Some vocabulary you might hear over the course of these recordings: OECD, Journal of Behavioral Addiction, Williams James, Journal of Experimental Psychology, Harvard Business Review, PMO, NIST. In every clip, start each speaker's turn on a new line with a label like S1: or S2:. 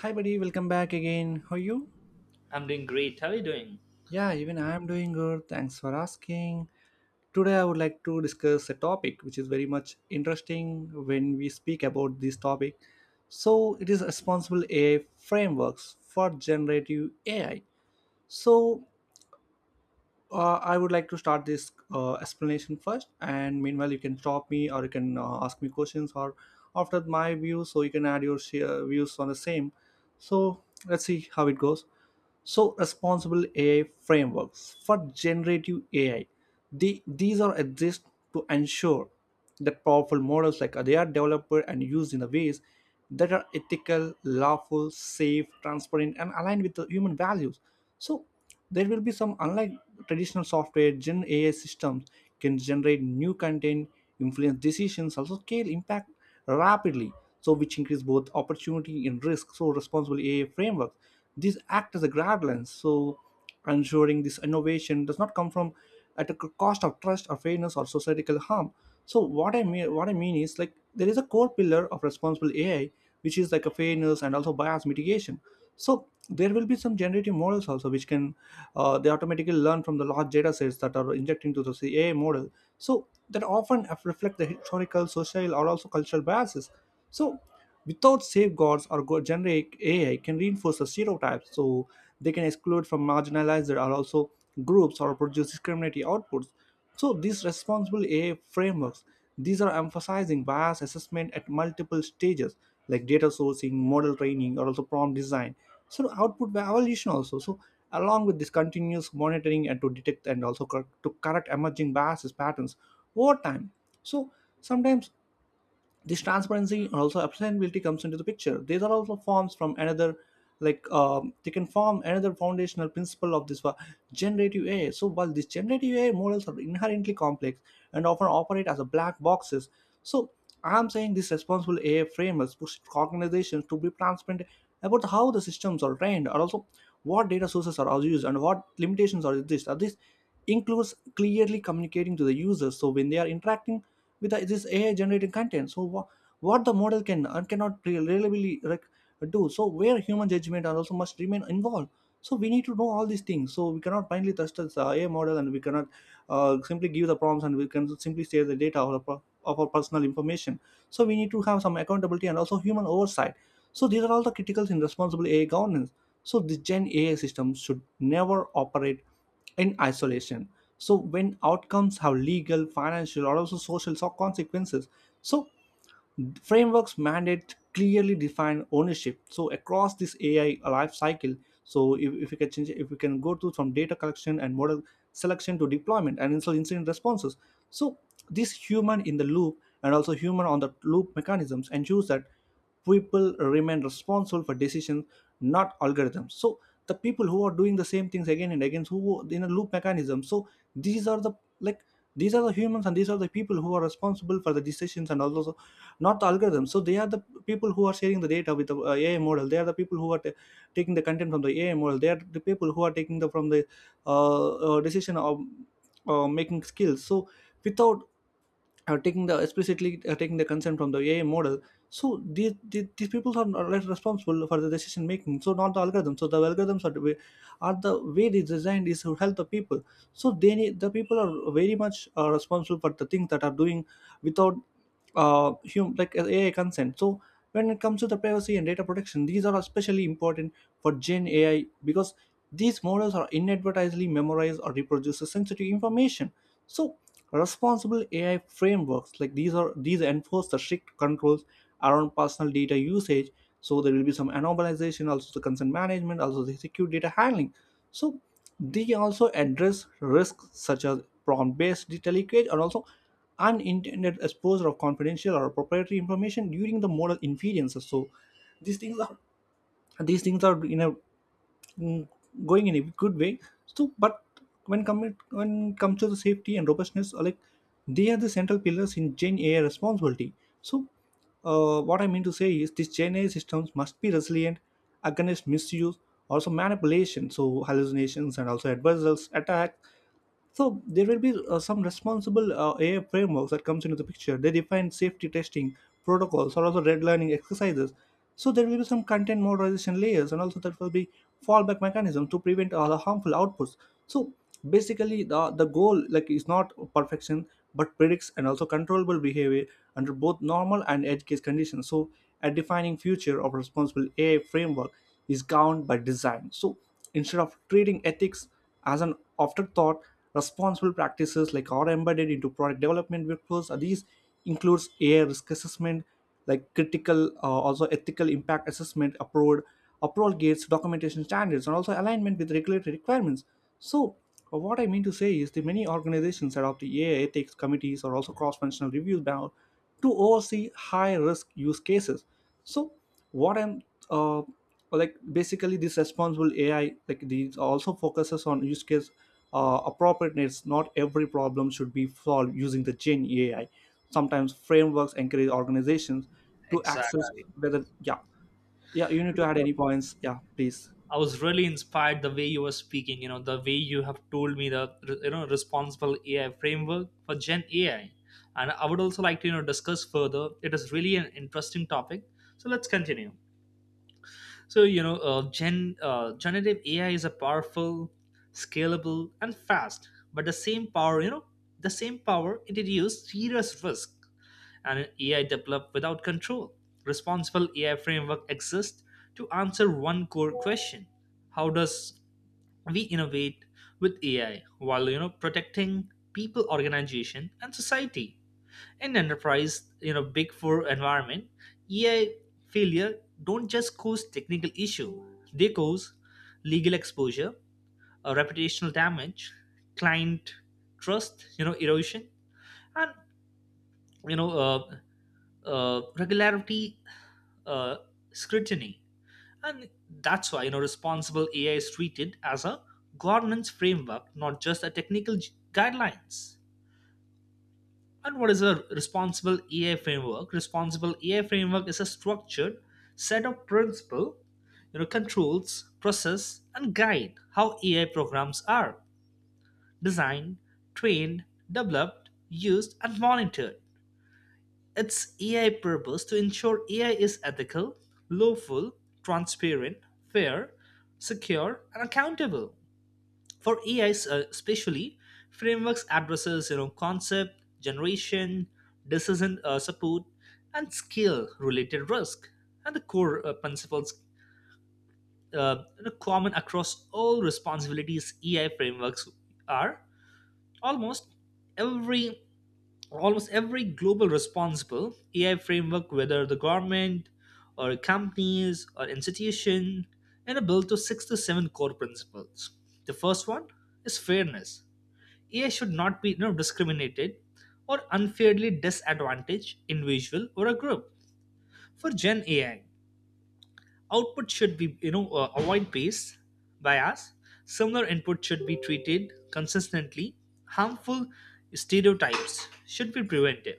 S1: Hi, buddy. Welcome back again. How are you?
S2: I'm doing great. How are you doing?
S1: Yeah, even I'm doing good. Thanks for asking. Today, I would like to discuss a topic which is very much interesting when we speak about this topic. So it is responsible AI frameworks for generative AI. So, I would like to start this explanation first, and meanwhile, you can stop me or you can ask me questions or after my views, so you can add your share views on the same. So let's see how it goes. So, responsible AI frameworks for generative AI. These are exist to ensure that powerful models like they are developed and used in the ways that are ethical, lawful, safe, transparent, and aligned with the human values. So there will be some, unlike traditional software, gen AI systems can generate new content, influence decisions, also scale impact rapidly, so which increase both opportunity and risk. So responsible AI frameworks, these act as a guidelines, so ensuring this innovation does not come from at a cost of trust or fairness or societal harm. So what I mean is like there is a core pillar of responsible AI which is like a fairness and also bias mitigation. So there will be some generative models also which can, they automatically learn from the large data sets that are injected into the AI model, so that often reflect the historical, social, or also cultural biases. So without safeguards, or generic AI can reinforce the stereotypes, so they can exclude from marginalized or also groups or produce discriminatory outputs. So these responsible AI frameworks, these are emphasizing bias assessment at multiple stages, like data sourcing, model training, or also prompt design, so output evaluation also, so along with this continuous monitoring and to detect and also to correct emerging biases patterns over time. So sometimes this transparency and also obtainability comes into the picture. These are also forms from another, like they can form another foundational principle of this generative AI. So while these generative AI models are inherently complex and often operate as a black boxes, so I'm saying these responsible AI frameworks push organizations to be transparent about how the systems are trained and also what data sources are used and what limitations are exist. Are these includes clearly communicating to the users so when they are interacting with this AI generating content. So what the model can and cannot reliably, like, do. So where human judgment and also must remain involved. So we need to know all these things. So we cannot blindly trust the AI model, and we cannot simply give the prompts, and we can simply share the data or of our personal information. So we need to have some accountability and also human oversight. So these are all the criticals in responsible AI governance. So the Gen AI systems should never operate in isolation. So when outcomes have legal, financial, or also social consequences, so frameworks mandate clearly define ownership so across this AI life cycle. So if you can change, if we can go to from data collection and model selection to deployment and also incident responses, so this human in the loop and also human on the loop mechanisms ensures that people remain responsible for decisions, not algorithms. So the people who are doing the same things again and again, who in a loop mechanism, so these are the, like, these are the humans and these are the people who are responsible for the decisions and all those, not the algorithm. So they are the people who are sharing the data with the AI model. They are the people who are taking the content from the AI model. They are the people who are taking the from the decision of making skills. So without taking the explicitly, taking the consent from the AI model. So these people are not responsible for the decision making. So not the algorithm. So the algorithms are are the way they designed is to help the people. So they need, the people are very much responsible for the things that are doing without like, AI consent. So when it comes to the privacy and data protection, these are especially important for Gen AI because these models are inadvertently memorize or reproduce sensitive information. So responsible AI frameworks, like, these are these enforce the strict controls around personal data usage. So there will be some anonymization, also the consent management, also the secure data handling. So they also address risks such as prompt-based data leakage and also unintended exposure of confidential or proprietary information during the model inferences. So these things are these things are in a mm, going in a good way. So, but when commit when it comes to the safety and robustness, like, they are the central pillars in Gen AI responsibility. So, what I mean to say is these Gen AI systems must be resilient against misuse, also manipulation, so hallucinations and also adversarial attack. So there will be some responsible AI frameworks that comes into the picture. They define safety testing protocols or also redlining exercises. So there will be some content moderation layers and also there will be fallback mechanism to prevent all the harmful outputs. So basically the goal, like, is not perfection but predicts and also controllable behavior under both normal and edge case conditions. So a defining future of responsible AI framework is governed by design. So instead of treating ethics as an afterthought, responsible practices like are embedded into product development workflows. These includes AI risk assessment like critical, also ethical impact assessment approval, approval gates, documentation standards, and also alignment with regulatory requirements. So what I mean to say is the many organizations adopt the AI ethics committees or also cross-functional reviews now to oversee high risk use cases. So what I'm uh, like, basically this responsible AI, like these also focuses on use case appropriateness. Not every problem should be solved using the Gen AI. Sometimes frameworks encourage organizations to access
S2: Exactly.
S1: whether, yeah, yeah, you need
S2: You
S1: to add
S2: know,
S1: any points, yeah, please.
S2: I was really inspired the way you were speaking, the way you have told me the responsible AI framework for Gen AI. And I would also like to discuss further. It is really an interesting topic. So let's continue. So, generative AI is a powerful, scalable, and fast, but the same power introduces serious risk and AI developed without control. Responsible AI framework exists to answer one core question. How does we innovate with AI while protecting people, organization, and society? In enterprise, big four environment, ei failure don't just cause technical issue, they cause legal exposure, reputational damage, client trust, erosion, and you know uh, regularity, uh, scrutiny. And that's why responsible AI is treated as a governance framework, not just a technical guidelines. And what is a responsible AI framework? Responsible AI framework is a structured set of principles, controls, process, and guide how AI programs are designed, trained, developed, used, and monitored. Its AI purpose to ensure AI is ethical, lawful, transparent, fair, secure, and accountable for ais, especially frameworks addresses concept generation, decision support, and skill related risk. And the core principles, common across all responsibilities ei frameworks are almost every almost every global responsible AI framework, whether the government or companies or institution, and are built to six to seven core principles. The first one is fairness. AI should not be, discriminated or unfairly disadvantaged individual or a group. For Gen AI, output should be avoid bias. Bias. Similar input should be treated consistently. Harmful stereotypes should be prevented,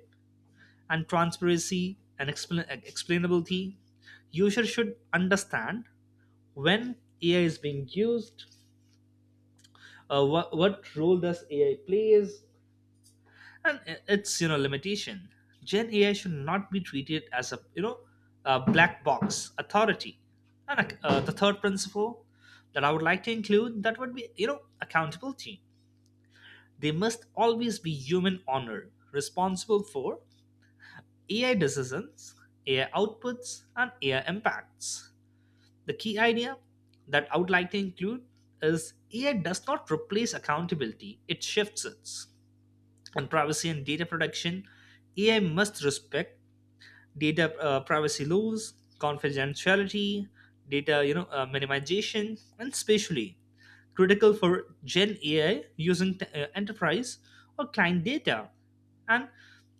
S2: and transparency and explainability. User should understand when AI is being used, what role does AI plays, and it's limitation. Gen AI should not be treated as a you know a black box authority. And the third principle that I would like to include, that would be, accountability. They must always be human honor responsible for AI decisions, AI outputs, and AI impacts. The key idea that I would like to include is AI does not replace accountability, it shifts it. On privacy and data protection, AI must respect data privacy laws, confidentiality, data, minimization, and spatially critical for Gen AI using enterprise or client data. And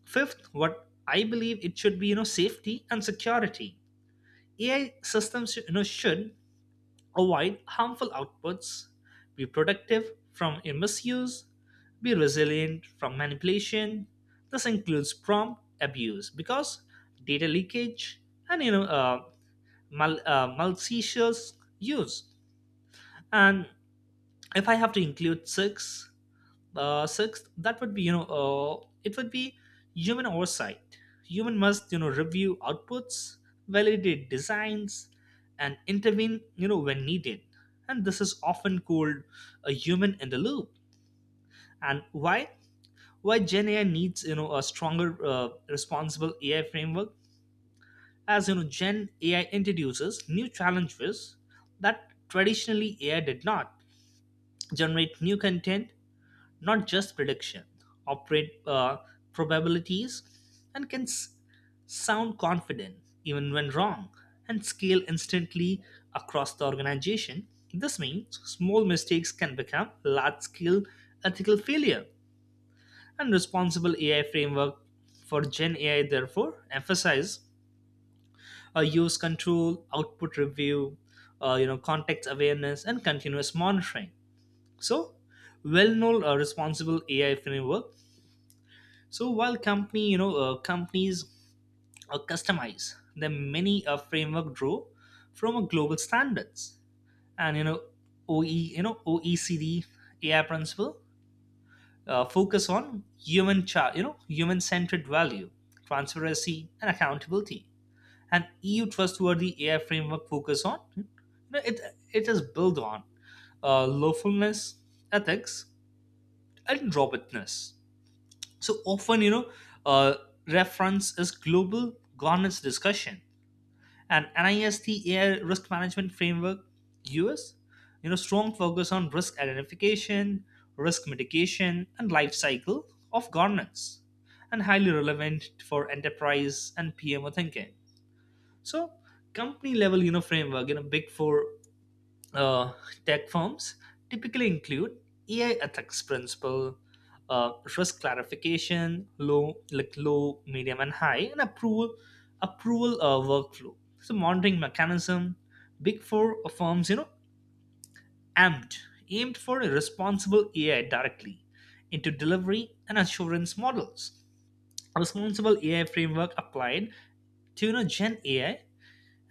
S2: fifth, what I believe it should be, safety and security. AI systems should avoid harmful outputs. Be productive from a misuse. Be resilient from manipulation. This includes prompt abuse because data leakage and malicious use. And if I have to include six, sixth, that would be, it would be human oversight. Human must review outputs, validate designs, and intervene when needed. And this is often called a human in the loop. And why Gen AI needs a stronger responsible AI framework. As Gen AI introduces new challenges that traditionally AI did not, generate new content, not just prediction, operate probabilities, and can sound confident even when wrong, and scale instantly across the organization. This means small mistakes can become large scale ethical failure. And responsible AI framework for Gen AI therefore emphasize use control, output review, context awareness, and continuous monitoring. So, well-known responsible AI framework. So while companies customize the many framework, draw from a global standards, and OECD AI principle, focus on human child, human-centered value, transparency, and accountability. And EU trustworthy AI framework focus on, it. It is built on lawfulness, ethics, and robustness. So often, uh, reference is global governance discussion. And NIST AI risk management framework, US, strong focus on risk identification, risk mitigation, and life cycle of governance, and highly relevant for enterprise and PMO thinking. So company level, framework, big four uh, tech firms typically include AI ethics principle, risk clarification, low, like low, medium, and high, and approval workflow. So monitoring mechanism, big four firms, aimed aimed for a responsible AI directly into delivery and assurance models. A responsible AI framework applied to Gen AI,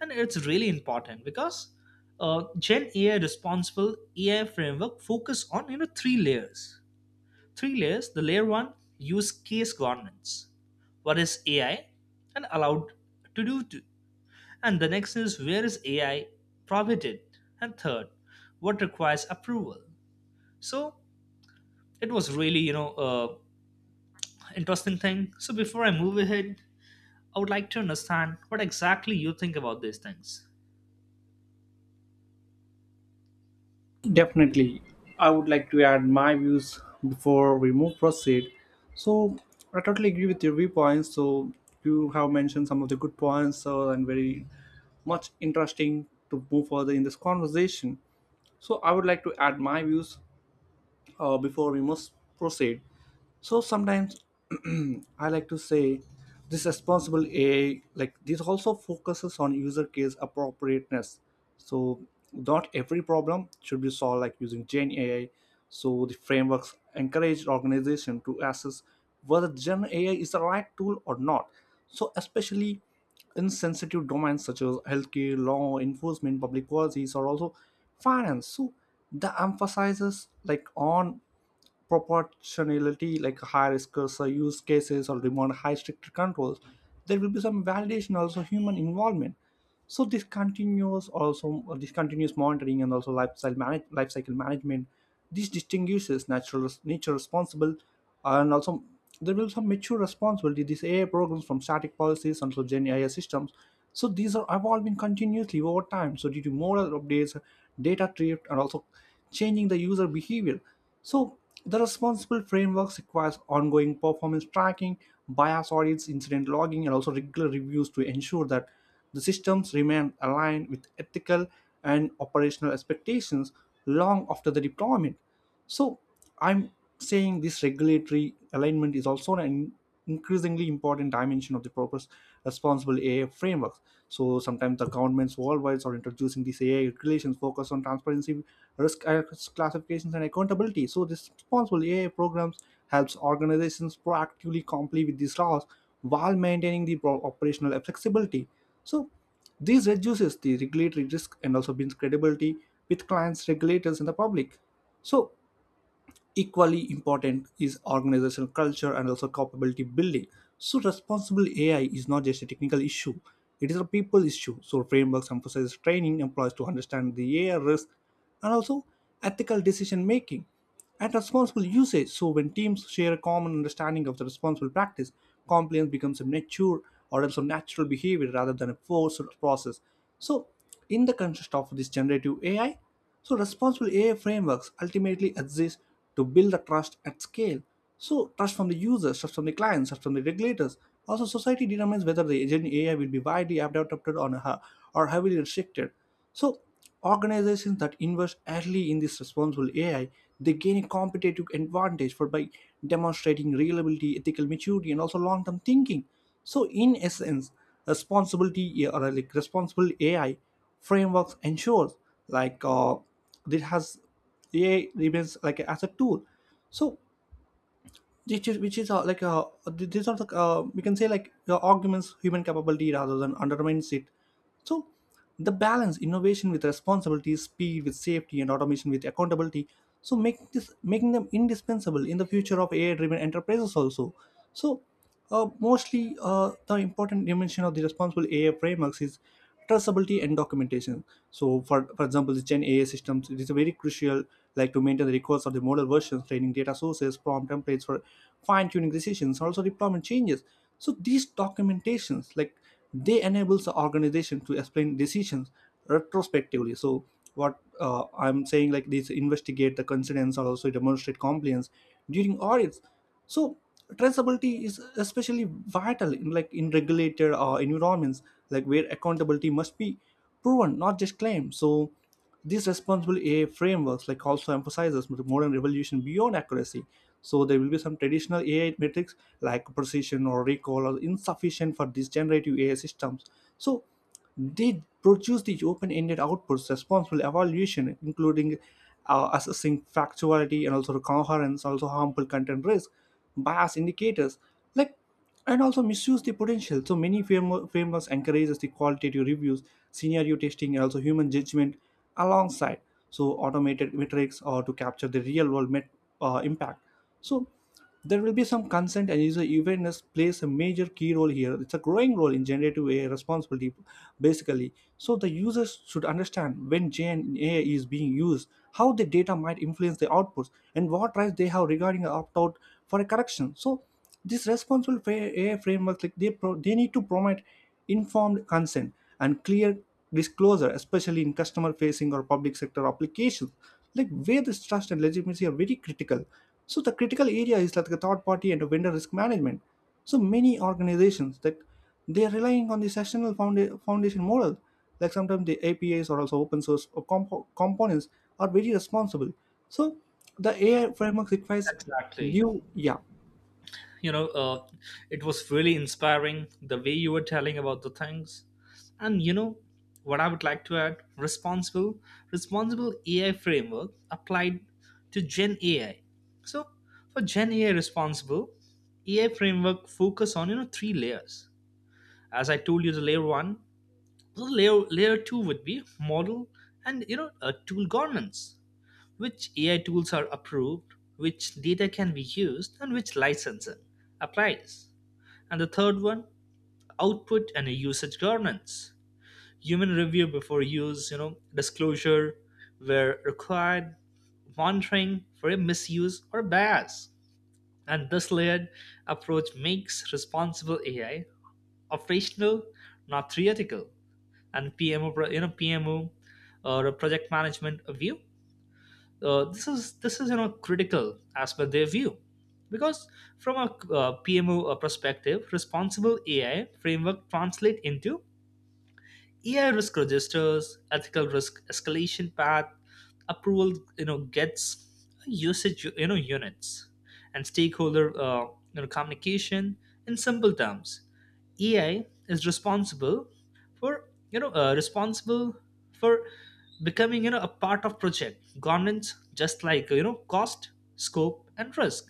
S2: and it's really important because uh, Gen AI responsible AI framework focus on three layers, the layer one: use case governance. What is AI and allowed to do to, and the next is where is AI prohibited, and third, what requires approval. So it was really interesting thing. So before I move ahead, I would like to understand what exactly you think about these things.
S1: Definitely. I would like to add my views before we move proceed. So I totally agree with your viewpoints. So you have mentioned some of the good points so, and very much interesting to move further in this conversation. So I would like to add my views before we must proceed. So sometimes I like to say this responsible AI, like this also focuses on user case appropriateness. So not every problem should be solved like using Gen AI. So the frameworks encourage organization to assess whether Gen AI is the right tool or not. So especially in sensitive domains such as healthcare, law enforcement, public policies, or also finance. So the emphasizes like on proportionality, like higher risk or use cases or demand high stricter controls. There will be some validation, also human involvement. So this continuous, also this continuous monitoring and also life cycle management, this distinguishes natural nature responsible, and also there will be some mature responsibility. These AI programs from static policies and also Gen AI systems, so these are evolving continuously over time, so due to model updates, data drift, and also changing the user behavior. So the responsible frameworks requires ongoing performance tracking, bias audits, incident logging, and also regular reviews to ensure that the systems remain aligned with ethical and operational expectations long after the deployment. So I'm saying this regulatory alignment is also an increasingly important dimension of the purpose responsible AI frameworks. So sometimes the governments worldwide are introducing these AI regulations focused on transparency, risk classifications, and accountability. So this responsible AI programs helps organizations proactively comply with these laws while maintaining the operational flexibility. So this reduces the regulatory risk and also brings credibility with clients, regulators, and the public. So equally important is organizational culture and also capability building. So responsible AI is not just a technical issue, it is a people issue. So frameworks emphasize training employees to understand the AI risk and also ethical decision making and responsible usage. So when teams share a common understanding of the responsible practice, compliance becomes a mature or also natural behavior rather than a forced process. So in the context of this generative AI, so responsible AI frameworks ultimately exist to build the trust at scale. So trust from the users, trust from the clients, trust from the regulators. Also, society determines whether the agent AI will be widely adopted or heavily restricted. So organizations that invest early in this responsible AI, they gain a competitive advantage for by demonstrating reliability, ethical maturity, and also long-term thinking. So in essence, responsibility or like responsible AI frameworks ensures like uh, it has AI remains like as a tool. So which is like th- these are the we can say like the arguments human capability rather than undermines it. So the balance innovation with responsibility, speed with safety, and automation with accountability. So make this making them indispensable in the future of AI-driven enterprises also. So mostly, the important dimension of the responsible AI frameworks is traceability and documentation. So, for example, the Gen AI systems, it is very crucial like to maintain the records of the model versions, training data sources, prompt templates for fine-tuning decisions, also deployment changes. So these documentations, like they enables the organization to explain decisions retrospectively. So what I'm saying, like these investigate the coincidence or also demonstrate compliance during audits. So traceability is especially vital in like in regulated environments like where accountability must be proven not just claimed. So these responsible AI frameworks like also emphasizes the modern revolution beyond accuracy. So there will be some traditional AI metrics like precision or recall are insufficient for these generative AI systems. So they produce the open-ended outputs responsible evaluation, including assessing factuality and also coherence, also harmful content risk, bias indicators, like and also misuse the potential. So many frameworks encourages the qualitative reviews, scenario testing, and also human judgment alongside so automated metrics or to capture the real world impact. So there will be some consent and user awareness plays a major key role here. It's a growing role in generative AI responsibility, basically. So the users should understand when Gen AI is being used, how the data might influence the outputs, and what rights they have regarding an opt-out for a correction. So this responsible AI framework, like they need to promote informed consent and clear disclosure, especially in customer facing or public sector applications, like where this trust and legitimacy are very critical. So the critical area is like the third party and the vendor risk management. So many organizations that they are relying on the sessional foundation model, like sometimes the APIs or also open source or components are very responsible. So the AI framework requires
S2: Exactly.
S1: due, yeah,
S2: you know uh, it was really inspiring the way you were telling about the things, and what I would like to add: responsible AI framework applied to Gen AI. So for Gen AI, responsible AI framework focus on three layers, as I told you. The layer one. The layer two would be model and tool governance. Which AI tools are approved, which data can be used, and which licensing applies. And the third one: output and usage governance. Human review before use, disclosure where required, monitoring for a misuse or bias. And this layered approach makes responsible AI operational, not theoretical. And pmo you know pmo or a project management view, this is critical as per their view. Because from a PMO perspective, responsible AI framework translate into AI risk registers, ethical risk escalation path, approval, gets usage, units, and stakeholder, communication. In simple terms, AI is responsible for becoming, a part of project governance, just like, cost, scope, and risk.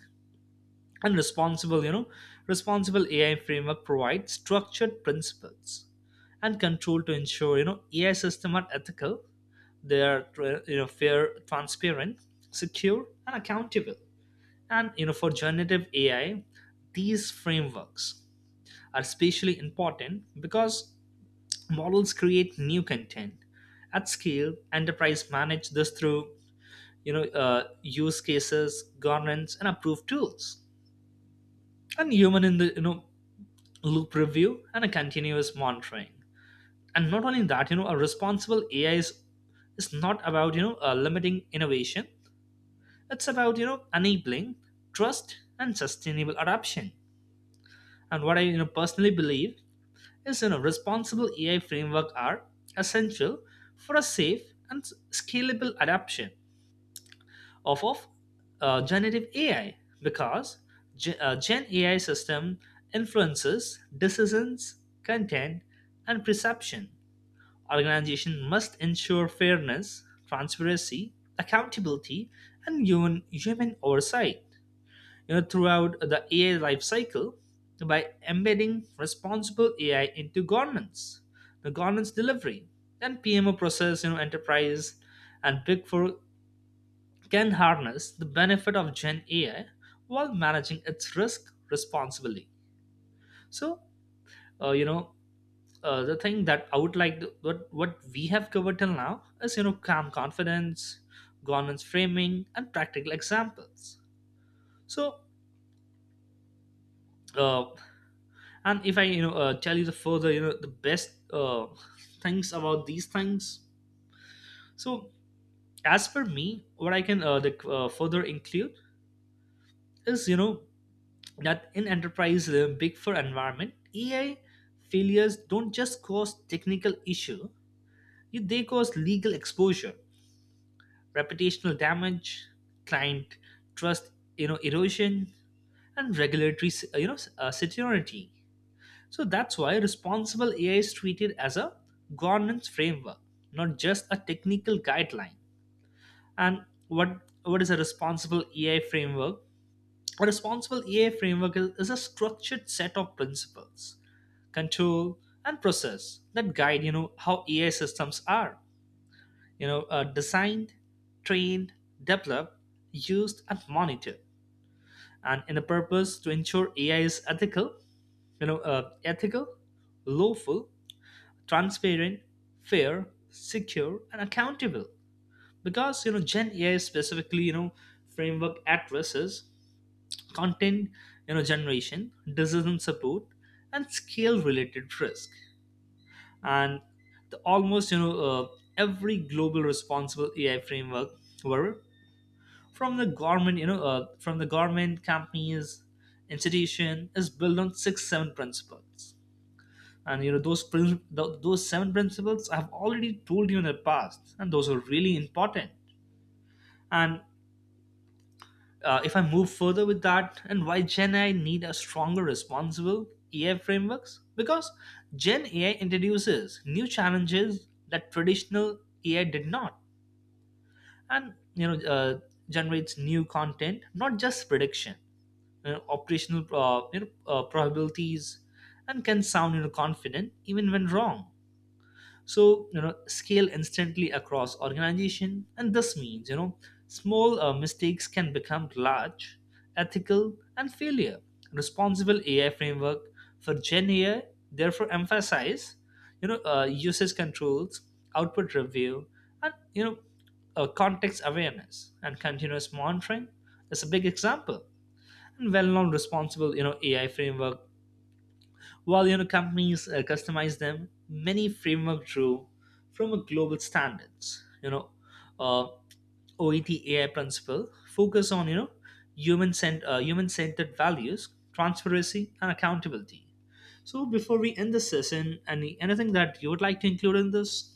S2: And responsible you know responsible AI framework provides structured principles and control to ensure AI system are ethical, they are, fair, transparent, secure, and accountable. And for generative AI, these frameworks are especially important because models create new content at scale. Enterprise manage this through use cases governance and approved tools, and human in the loop review, and a continuous monitoring. And not only that, a responsible AI is not about limiting innovation, it's about enabling trust and sustainable adoption. And what I personally believe is, responsible AI framework are essential for a safe and scalable adoption off of generative AI, because Gen AI system influences decisions, content, and perception. Organization must ensure fairness, transparency, accountability, and human oversight. Throughout the AI lifecycle, by embedding responsible AI into governance, the governance delivery, and PMO process, enterprise and big four can harness the benefit of Gen AI while managing its risk responsibly. So, uh, you know, the thing that I would like to, what we have covered till now is, calm confidence, governance framing, and practical examples. So, uh, and if I tell you the further, the best things about these things. So, as per me, what I can further include is, that in enterprise big four environment, AI failures don't just cause technical issue, they cause legal exposure, reputational damage, client trust, erosion, and regulatory, security. So that's why responsible AI is treated as a governance framework, not just a technical guideline. And what what is a responsible AI framework? A responsible AI framework is a structured set of principles, control, and process that guide how AI systems are, designed, trained, developed, used, and monitored, and in a purpose to ensure AI is ethical, you know ethical, lawful, transparent, fair, secure, and accountable. Because Gen AI specifically, framework addresses content, generation, decision support, and scale related risk. And the almost every global responsible AI framework, were from the government companies institution, is built on six seven principles. And those those seven principles I've already told you in the past, and those are really important. And if I move further with that, and why Gen AI need a stronger, responsible AI frameworks? Because Gen AI introduces new challenges that traditional AI did not, and generates new content, not just prediction, operational, probabilities, and can sound, you know, confident even when wrong, so scale instantly across organization, and this means, small mistakes can become large ethical and failure. Responsible AI framework for Gen AI therefore emphasize, usage controls, output review, and, context awareness, and continuous monitoring is a big example. And well-known responsible, AI framework. While companies customize them, many framework drew from a global standards. Uh, OET AI principle focus on human centered values, transparency, and accountability. So before we end the session, anything that you would like to include in this?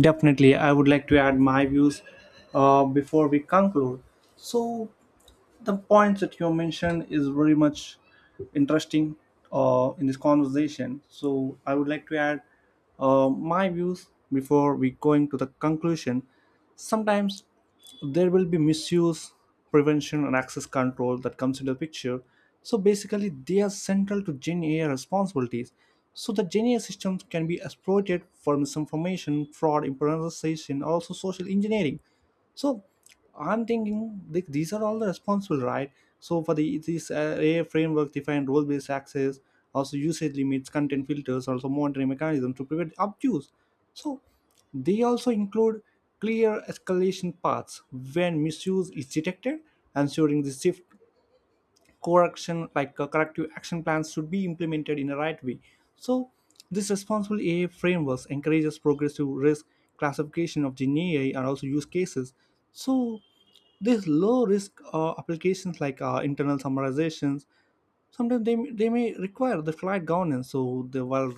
S1: definitely. I would like to add my views before we conclude. So the points that you mentioned is very much interesting in this conversation. So I would like to add my views before we going to the conclusion. Sometimes there will be misuse, prevention, and access control that comes into the picture. So basically, they are central to Gen AI responsibilities. So the Gen AI systems can be exploited for misinformation, fraud, impersonation, also social engineering. So I'm thinking like these are all the responsible, right? So for the this AI framework defined role-based access, also usage limits, content filters, also monitoring mechanisms to prevent abuse. So they also include clear escalation paths when misuse is detected, ensuring the safe correction like corrective action plans should be implemented in the right way. So this responsible AI frameworks encourages progressive risk classification of Gen AI and also use cases. So these low risk applications like internal summarizations sometimes they may require the flight governance. So the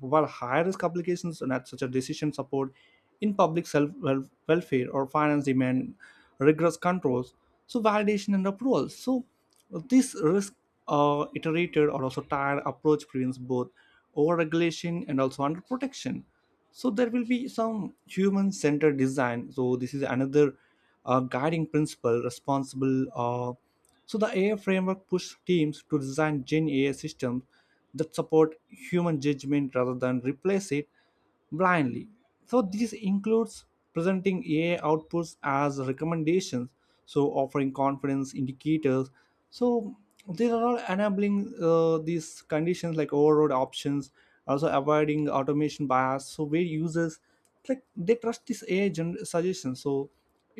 S1: while high risk applications and at such a decision support in public self welfare or finance demand rigorous controls, so validation and approval. So this risk iterated or also tired approach prevents both over regulation and also under protection. So there will be some human centered design. So this is another guiding principle responsible so the AI framework pushed teams to design Gen AI systems that support human judgment rather than replace it blindly. So this includes presenting AI outputs as recommendations, so offering confidence indicators. So these are all enabling these conditions like override options, also avoiding automation bias. So where users like they trust this AI suggestion. So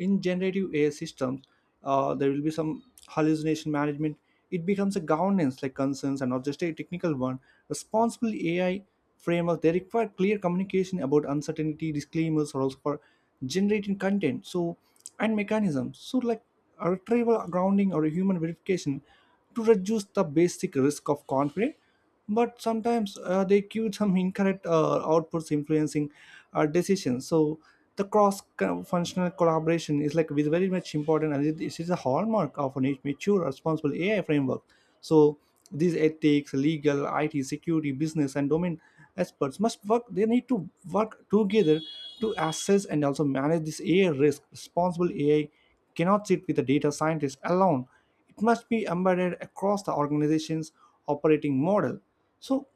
S1: in generative AI systems there will be some hallucination management. It becomes a governance like concerns and not just a technical one. Responsible AI framework they require clear communication about uncertainty disclaimers or also for generating content, so and mechanisms so like a retrieval grounding or a human verification to reduce the basic risk of conflict, but sometimes they accuse some incorrect outputs influencing decisions. So the cross functional collaboration is like is very much important and it is a hallmark of a mature responsible AI framework. So these ethics legal it security business and domain experts must work they need to work together to assess and also manage this AI risk. Responsible AI cannot sit with the data scientist alone. It must be embedded across the organization's operating model. So,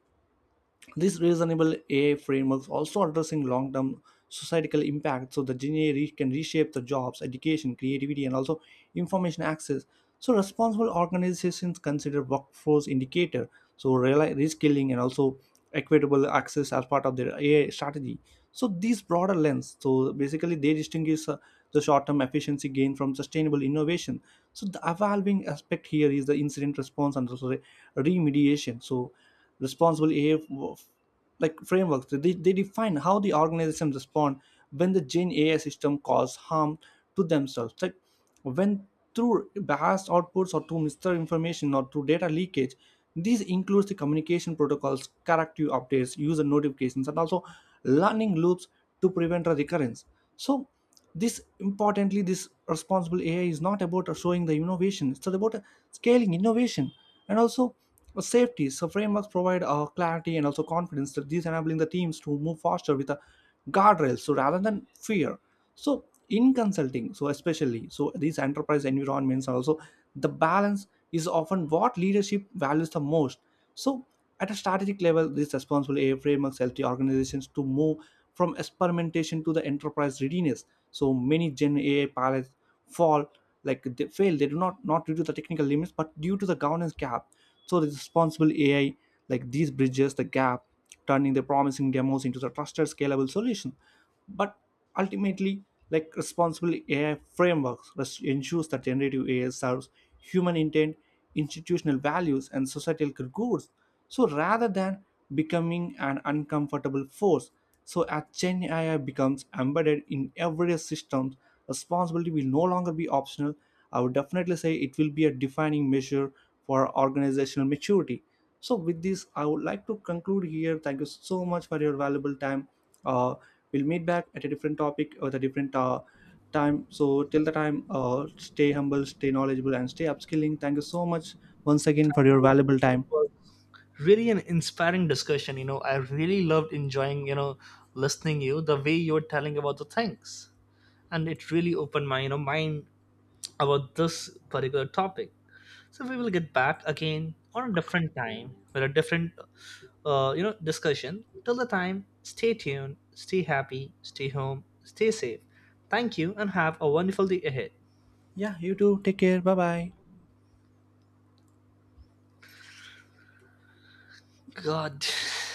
S1: these reasonable AI frameworks also addressing long-term societal impact. So, the can reshape the jobs, education, creativity, and also information access. So, responsible organizations consider workforce indicator, so reskilling, and also equitable access as part of their AI strategy. So these broader lens so basically they distinguish the short-term efficiency gain from sustainable innovation. So the evolving aspect here is the incident response and also the remediation. So responsible AI like frameworks they define how the organization respond when the Gen AI system cause harm to themselves like when through biased outputs or through misinformation or through data leakage. These includes the communication protocols corrective updates user notifications and also learning loops to prevent a recurrence. So this importantly this responsible AI is not about showing the innovation, it's about scaling innovation and also safety. So frameworks provide clarity and also confidence that these enabling the teams to move faster with a guardrails, so rather than fear. So in consulting so especially so these enterprise environments are also the balance is often what leadership values the most. So, at a strategic level, this responsible AI frameworks help the organizations to move from experimentation to the enterprise readiness. So, many Gen AI pilots fall like they fail. They do not due to the technical limits, but due to the governance gap. So, the responsible AI like these bridges the gap turning their promising demos into the trusted scalable solution. But ultimately like responsible AI frameworks ensures that generative AI serves human intent institutional values and societal goods, so rather than becoming an uncomfortable force. So as Gen AI becomes embedded in everyday systems responsibility will no longer be optional. I would definitely say it will be a defining measure for organizational maturity. So, with this, I would like to conclude here. Thank you so much for your valuable time. Uh, we'll meet back at a different topic or the different time. So, till the time, stay humble, stay knowledgeable, and stay upskilling. Thank you so much once again for your valuable time.
S2: Really an inspiring discussion. I really loved enjoying, listening you the way you were telling about the things, and it really opened my, mind about this particular topic. So we will get back again on a different time with a different, discussion. Till the time, stay tuned, stay happy, stay home, stay safe. Thank you, and have a wonderful day ahead.
S1: Yeah, you too. Take care. Bye bye.
S2: God.